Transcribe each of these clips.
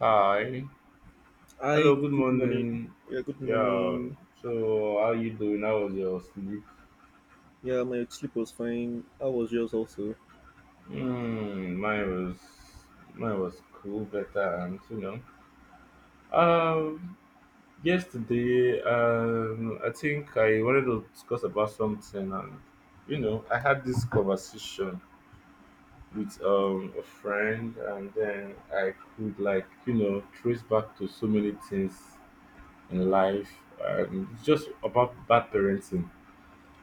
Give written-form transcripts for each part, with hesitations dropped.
Hi. Hello, Hi, good good morning. morning. Yeah, good Yeah. morning. So how you doing? How was your sleep? Yeah, my sleep was fine. How was yours also? Mm, mine was mine was cool, better and. Um yesterday I think I wanted to discuss about something and I had this conversation with a friend and then I could trace back to so many things in life, and it's just about bad parenting.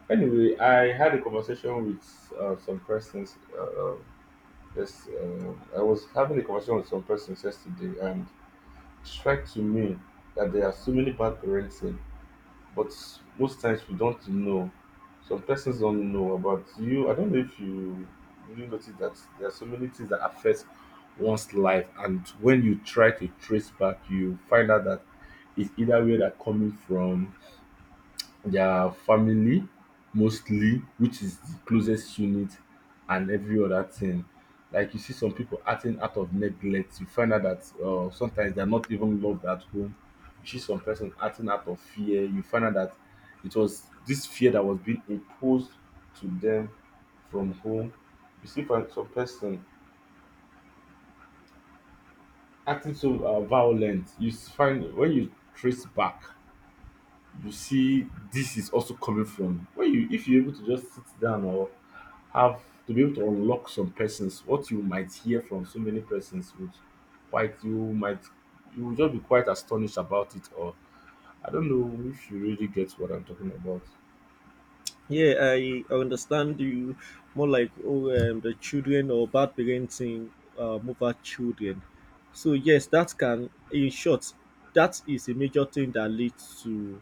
Anyway, I had a conversation with some persons. Yes, I was having a conversation with some persons yesterday, and it struck to me that there are so many bad parenting, but most times we don't know. Some persons don't know about you. I don't know if you really notice that there are so many things that affect one's life, and when you try to trace back, you find out that it's either where they're coming from, their family, mostly, which is the closest unit and every other thing. Like you see some people acting out of neglect, you find out that sometimes they're not even loved at home. You see some person acting out of fear, you find out that it was this fear that was being imposed to them from home. You see for some person acting so violent, find when you trace back, you see this is also coming from when you, if you're able to just sit down or have to be able to unlock some persons, what you might hear from so many persons would quite you might you will just be quite astonished about it, or I don't know if you really get what I'm talking about. Yeah, I understand you, more like the children or bad parenting, over children. So yes, that can, in short, that is a major thing that leads to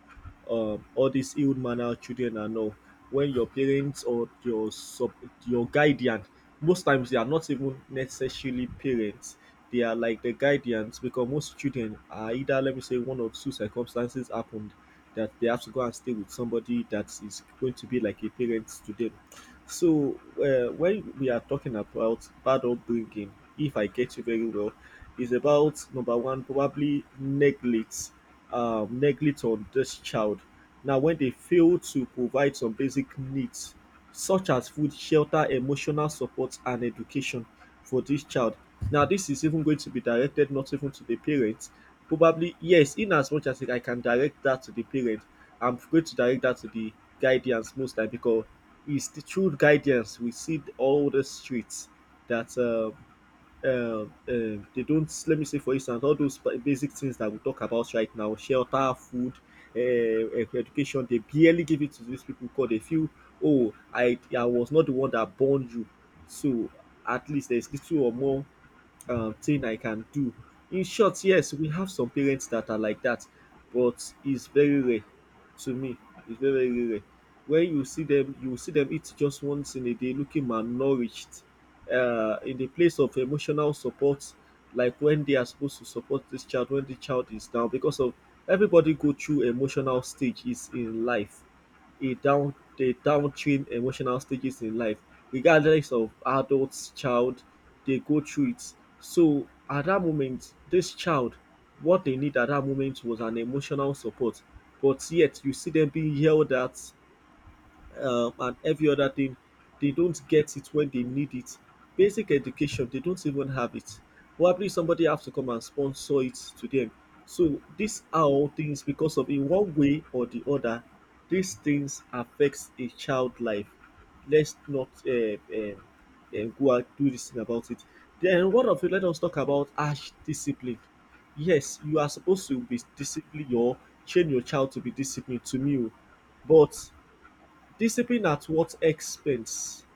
all these ill mannered children and all. When your parents or your guardian, most times they are not even necessarily parents. They are like the guidance, because most children are either, let me say, one or two circumstances happened that they have to go and stay with somebody that is going to be like a parent to them. So, when we are talking about bad upbringing, if I get you very well, is about number one, probably neglect, neglect on this child. Now, when they fail to provide some basic needs, such as food, shelter, emotional support, and education for this child. Now, this is even going to be directed not even to the parents. Probably, yes, in as much as I can direct that to the parent, I'm going to direct that to the guidance most time, because it's the true guidance. We see all the streets that uh, they don't. Let me say, for instance, all those basic things that we talk about right now: shelter, food, education. They barely give it to these people because they feel, oh, I was not the one that born you, so at least there's little or more thing I can do. In short, yes, we have some parents that are like that, but it's very rare to me. It's very, very rare. When you see them eat just once in a day, looking malnourished, in the place of emotional support, like when they are supposed to support this child when the child is down, because of everybody go through emotional stages in life, a down the downstream emotional stages in life, regardless of adults, child, they go through it. So at that moment, this child, what they need at that moment was an emotional support. But yet you see them being yelled at, and every other thing, they don't get it when they need it. Basic education, they don't even have it. Probably somebody has to come and sponsor it to them. So these are all things, because of in one way or the other, these things affects a child life. Let's not go and do this thing about it. Then one of it, let us talk about harsh discipline. Yes, you are supposed to be disciplined or train your child to be disciplined to me, o. But discipline at what expense?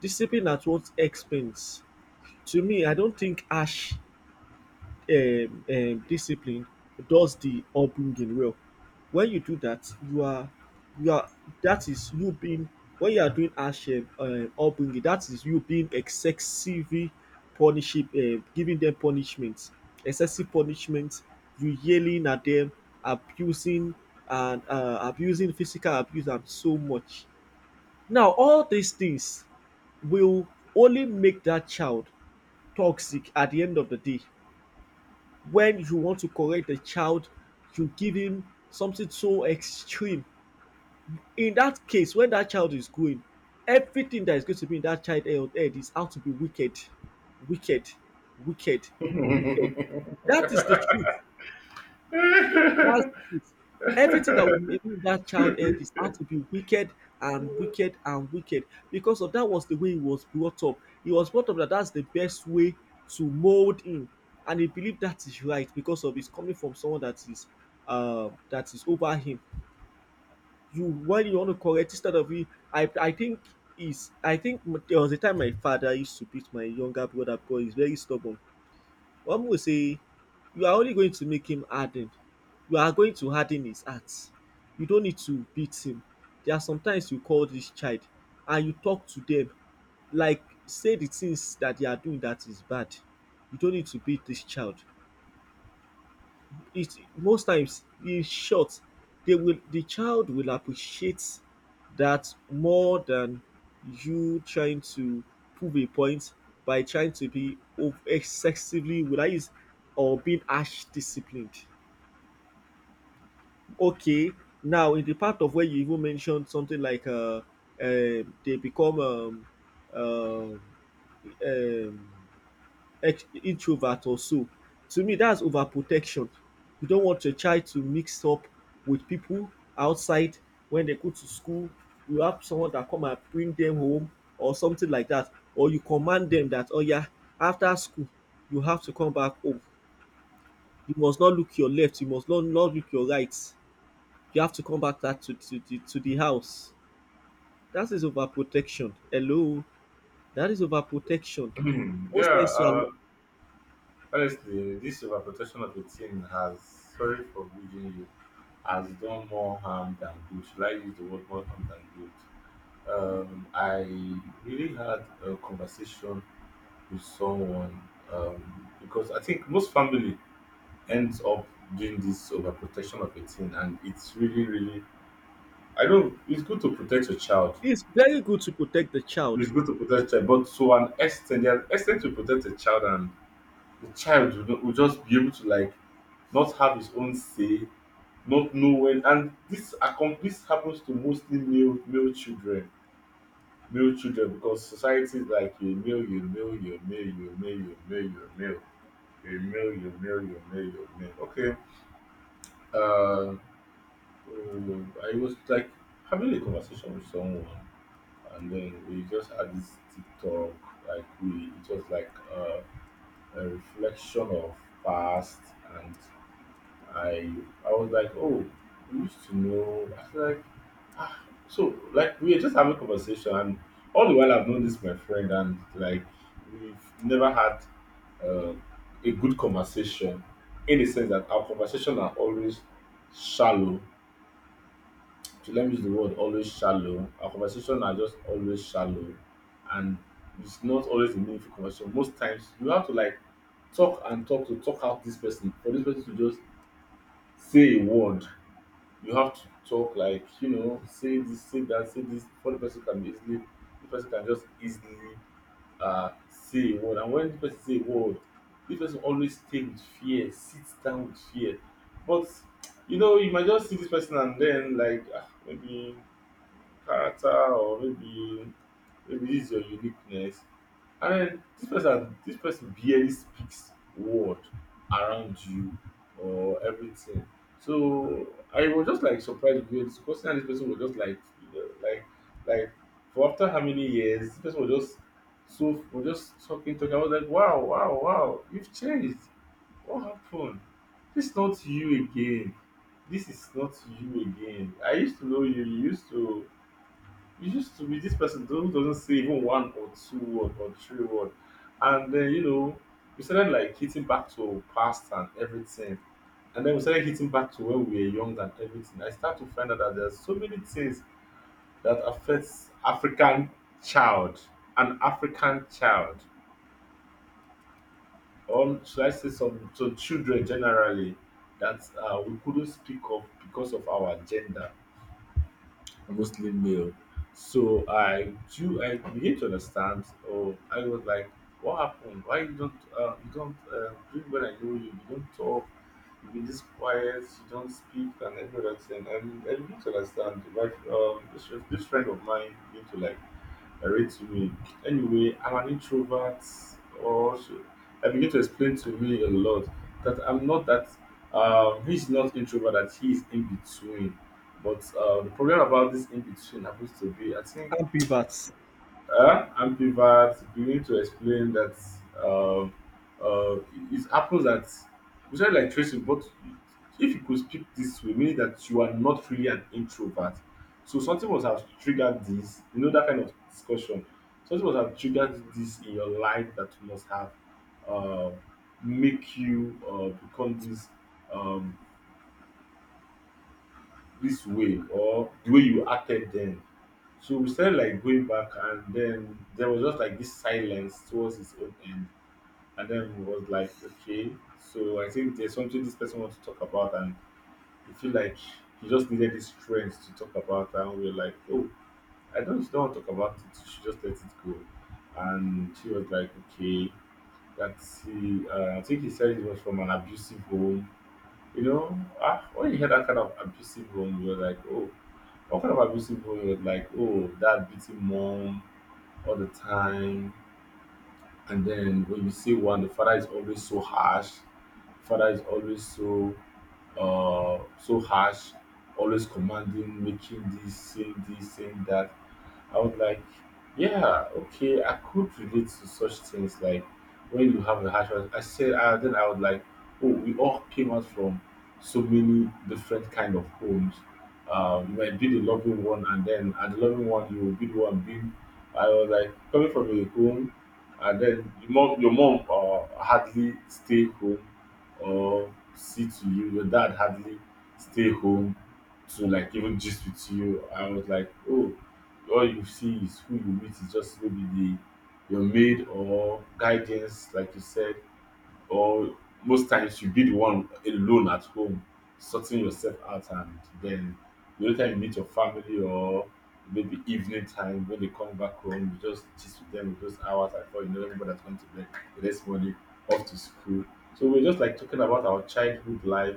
Discipline at what expense? To me, I don't think harsh discipline does the upbringing well. When you do that, you are that is you being, when you are doing harsh upbringing. That is you being excessively punishing, giving them punishment, excessive punishment. You yelling at them, abusing and abusing, physical abuse and so much. Now, all these things will only make that child toxic at the end of the day. When you want to correct the child, you give him something so extreme. In that case, when that child is growing, everything that is going to be in that child head is how to be wicked, wicked, wicked, wicked. That is the truth. That's the truth. Everything that would maybe that child heard is how to be wicked and wicked and wicked, because of that was the way he was brought up. He was brought up that that's the best way to mold him, and he believed that is right because of his coming from someone that is over him. You, when you want to correct instead of you, I think is, I think there was a time my father used to beat my younger brother because he's very stubborn. One will say, you are only going to make him harden. You are going to harden his heart. You don't need to beat him. There are sometimes you call this child and you talk to them, like say the things that they are doing that is bad. You don't need to beat this child. It most times, in short, they will, the child will appreciate that more than you trying to prove a point by trying to be excessively will I use, or being harsh disciplined. Okay, now in the part of where you even mentioned something like they become um, um ex introvert or so. To me that's overprotection. You don't want your child to mix up with people outside when they go to school. You have someone that come and bring them home or something like that, or you command them that oh yeah, after school you have to come back home. You must not look your left, you must not not look your right. You have to come back that to the house. That is overprotection. Hello, that is overprotection. Yeah, Most times you are honestly, this overprotection of a teen has, sorry for reading you, has done more harm than good. Should I use the word more harm than good? I really had a conversation with someone, because I think most family ends up doing this overprotection of a teen, and it's really, really. I don't. It's good to protect your child. it's very good to protect the It's child. good to protect your child, but to an extent, there are extent to protect a child, and the child will, will just be able to like not have his own say, not know when. And this happens to mostly male children, male children, because society is like you male, you male, you male, you male, you male, you male, you male, you male, you male, you male. Okay. Uh, I was like having a conversation with someone, and then we just had this TikTok. Like we, it was like a reflection of past. And I I was like, "Oh, we used to know." I was like, ah. So, like, we were just having conversation, and all the while I've known this my friend, and like, we've never had uh, a good conversation in the sense that our conversation are always shallow. To let me use the word, always shallow. Our conversation are just always shallow, and it's not always a meaningful conversation. Most times, you have to like talk and talk to talk out this person for this person to just say a word. You have to talk like, you know, say this, say that, say this before the person can be easily, the person can just easily say a word. And when the person say a word, this person always stay with fear, sit down with fear. But you know, you might just see this person and then like, ah, maybe character, or maybe maybe this is your uniqueness. And then this person barely speaks word around you or everything. So I was just like surprised with because Kosi and this person was just like, you know, like for after how many years, this person was just so, was just talking. I was like, wow, wow, wow, you've changed. What happened? This is not you again. This is not you again. I used to know you. You used to be this person who doesn't say even one or two word or three word. And then, you know, we started like hitting back to past and everything, and then we started hitting back to when we were young and everything. I start to find out that there's so many things that affects African child, an African child, or should I say some children generally, that we couldn't speak of because of our gender real. So I do, I begin to understand. Oh, I was like, what happened? Why you don't during when I know you, you don't talk, you be this quiet, you don't speak and everything. And I begin to understand my this, this friend of mine begin to like they're way. Anyway, I'm an introvert. Also, I begin to explain to me a lot that I'm not that. He's not introvert; that he is in between. But the problem about this in between happens to be, I think Ambiverts. And pivot beginning to explain that um, uh, it happens that we said like tracing, but if you could speak this way, meaning that you are not really an introvert. So something must have triggered this, you know, that kind of discussion. Something must have triggered this in your life that must have uh, make you become this um, this way or the way you acted then. So we started like going back, and then there was just like this silence towards his own end. And then we was like, okay, so I think there's something this person wants to talk about, and we feel like he just needed this strength to talk about. And we were like, oh, I don't want to talk about it. You should just let it go. And she was like, okay, that's he. I think he said he was from an abusive home. You know, ah, when you hear that kind of abusive home, you're like, oh, what kind of abusive word like, "Oh, dad beating mom all the time." And then when you see one, the father is always so harsh, father is always so so harsh, always commanding, making this, saying that. I was like, yeah, okay, I could relate to such things like when you have a harsh. I said, then I was like, oh, we all came out from so many different kind of homes. You might be the loving one, and then at the loving one, you will be the one being. I was like coming from a home, and then your mom hardly stay home or see to you. Your dad hardly stay home to like even gist with you. I was like, oh, all you see is who you meet is just maybe the your maid or guidance, like you said, or most times you be the one alone at home, sorting yourself out, and then the only time you meet your family or maybe evening time when they come back home, you just gist with them with those hours, and before you know, everybody has gone to bed. The next morning, off to school. So we're just like talking about our childhood life,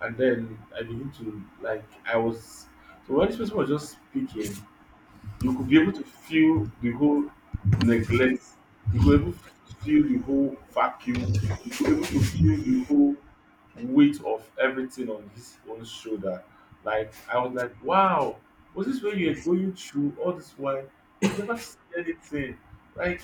and then I begin to like I was, so when this person was just speaking, you could be able to feel the whole neglect, you could able to feel the whole vacuum, you could able to feel the whole weight of everything on his own shoulder. Like I was like, wow, was this when you were going through all this while? You never said anything. Like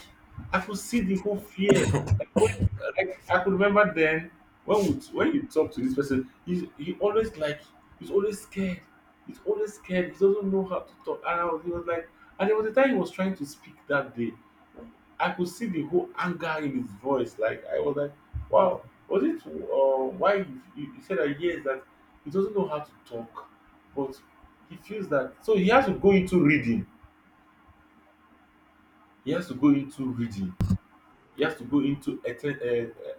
I could see the whole fear. Like when, like I could remember then when would when you talk to this person, he always like he's always scared. He's always scared. He doesn't know how to talk. And I was, he was like, and there was a time he was trying to speak that day. I could see the whole anger in his voice. Like I was like, wow, was it why you, you said that yes that he doesn't know how to talk, but he feels that so he has to go into reading. He has to go into reading. He has to go into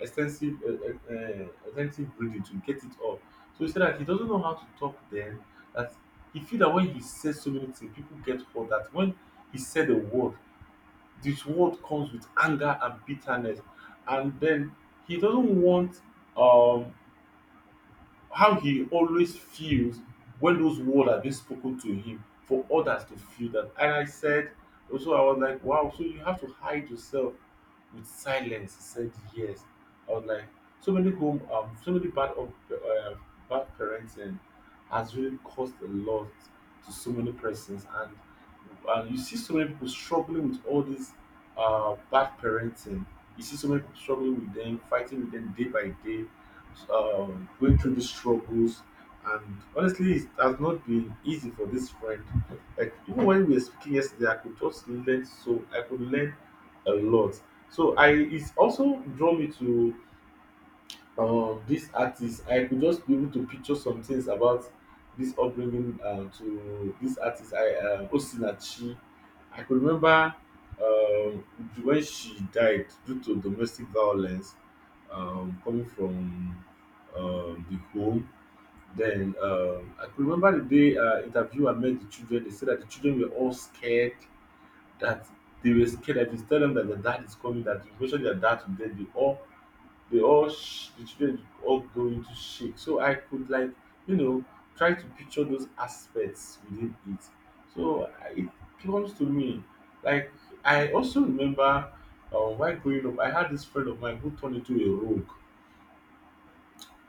extensive extensive reading to get it all. So he said that he doesn't know how to talk then. That he feel that when he says so many things, people get hurt. That when he said a word, this world comes with anger and bitterness. And then he doesn't want, um how he always feels when those words are being spoken to him, for others to feel that. And I said, also I was like, wow, so you have to hide yourself with silence. He said yes. I was like, so many so many bad parenting has really caused a lot to so many persons, and you see so many people struggling with all this bad parenting. You see so many people struggling with them, fighting with them day by day, going through the struggles. And honestly, it has not been easy for this friend. Like even when we were speaking yesterday, I could learn a lot. So I it also draw me to this artist. I could just be able to picture some things about this upbringing to this artist I Osinachi. I could remember um when she died due to domestic violence coming from the home. Then I could remember the day interview I met the children. They said that the children were all scared that they were scared that if you tell them that their dad is coming, that you mention their dad to them, they all the children all go into shake. So I could like you know try to picture those aspects within it. So it comes to me like I also remember, while growing up, I had this friend of mine who turned into a rogue.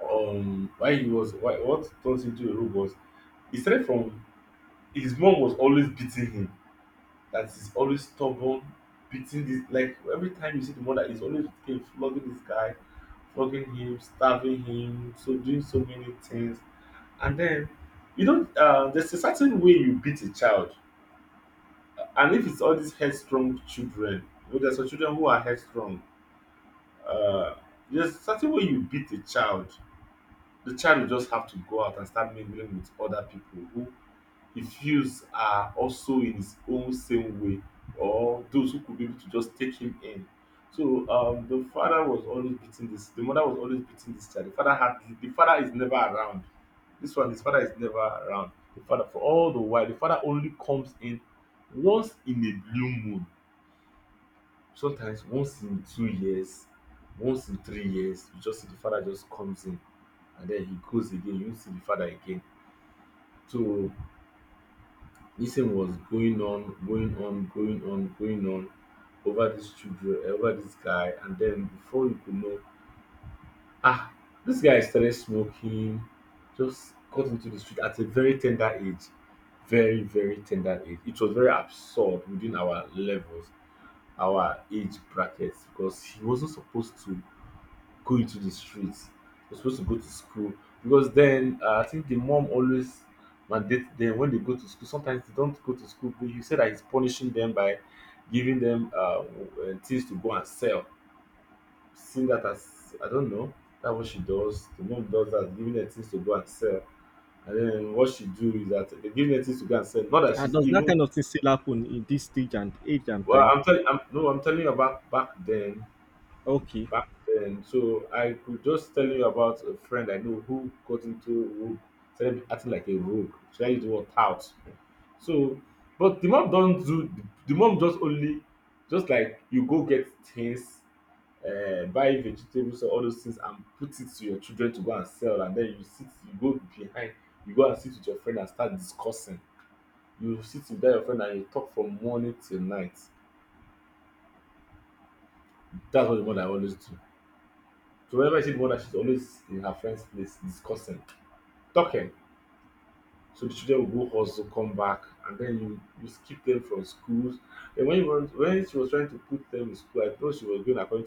Why he was Why what turns into a rogue was he started from his mom was always beating him, that is always stubborn, beating this. Like every time you see, the mother is always with flogging this guy, flogging him, starving him, so doing so many things. And then you don't there's a certain way you beat a child. And if it's all these headstrong children, you know, there's some children who are headstrong. Uh, there's a certain way you beat a child. The child will just have to go out and start mingling with other people who he feels are also in his own same way, or those who could be able to just take him in. So the father was always beating this. The mother was always beating this child. The father is never around. This one, his father is never around. The father, for all the while, the father only comes in once in a blue moon. Sometimes once in 2 years, once in 3 years, you just see the father just comes in and then he goes again. You don't see the father again. So this thing was going on, going on, going on, going on over these children, over this guy, and then before you could know, ah, this guy started smoking, just got into the street at a very tender age, very tender age. It was very absurd within our levels, our age brackets, because he wasn't supposed to go into the streets. You're supposed to go to school because then, I think the mom always mandate them when they go to school. Sometimes they don't go to school, but you said that he's punishing them by giving them things to go and sell. Seeing that as I don't know, that's what she does. The mom does that, giving them things to go and sell. And then what she do is that they give them things to go and sell. Not that And she's does that even kind of thing still happen in this stage and age and well. time? I'm telling. I'm, no, I'm telling you about back then, Okay. back then. So I could just tell you about a friend I know who got into rogue, started acting like a rogue. Should I use the word tout? So, but the mom don't do. The mom just only, just like you go get things, buy vegetables or all those things and put it to your children to go and sell, and then you sit, you go behind, you go and sit with your friend and start discussing. You sit with that your friend and you talk from morning till night. That's what the mother always do. So whenever you see the mother, she's always in her friend's place discussing, talking. So the children will go also come back, and then you skip them from schools. And when she was trying to put them in school, I thought she was going according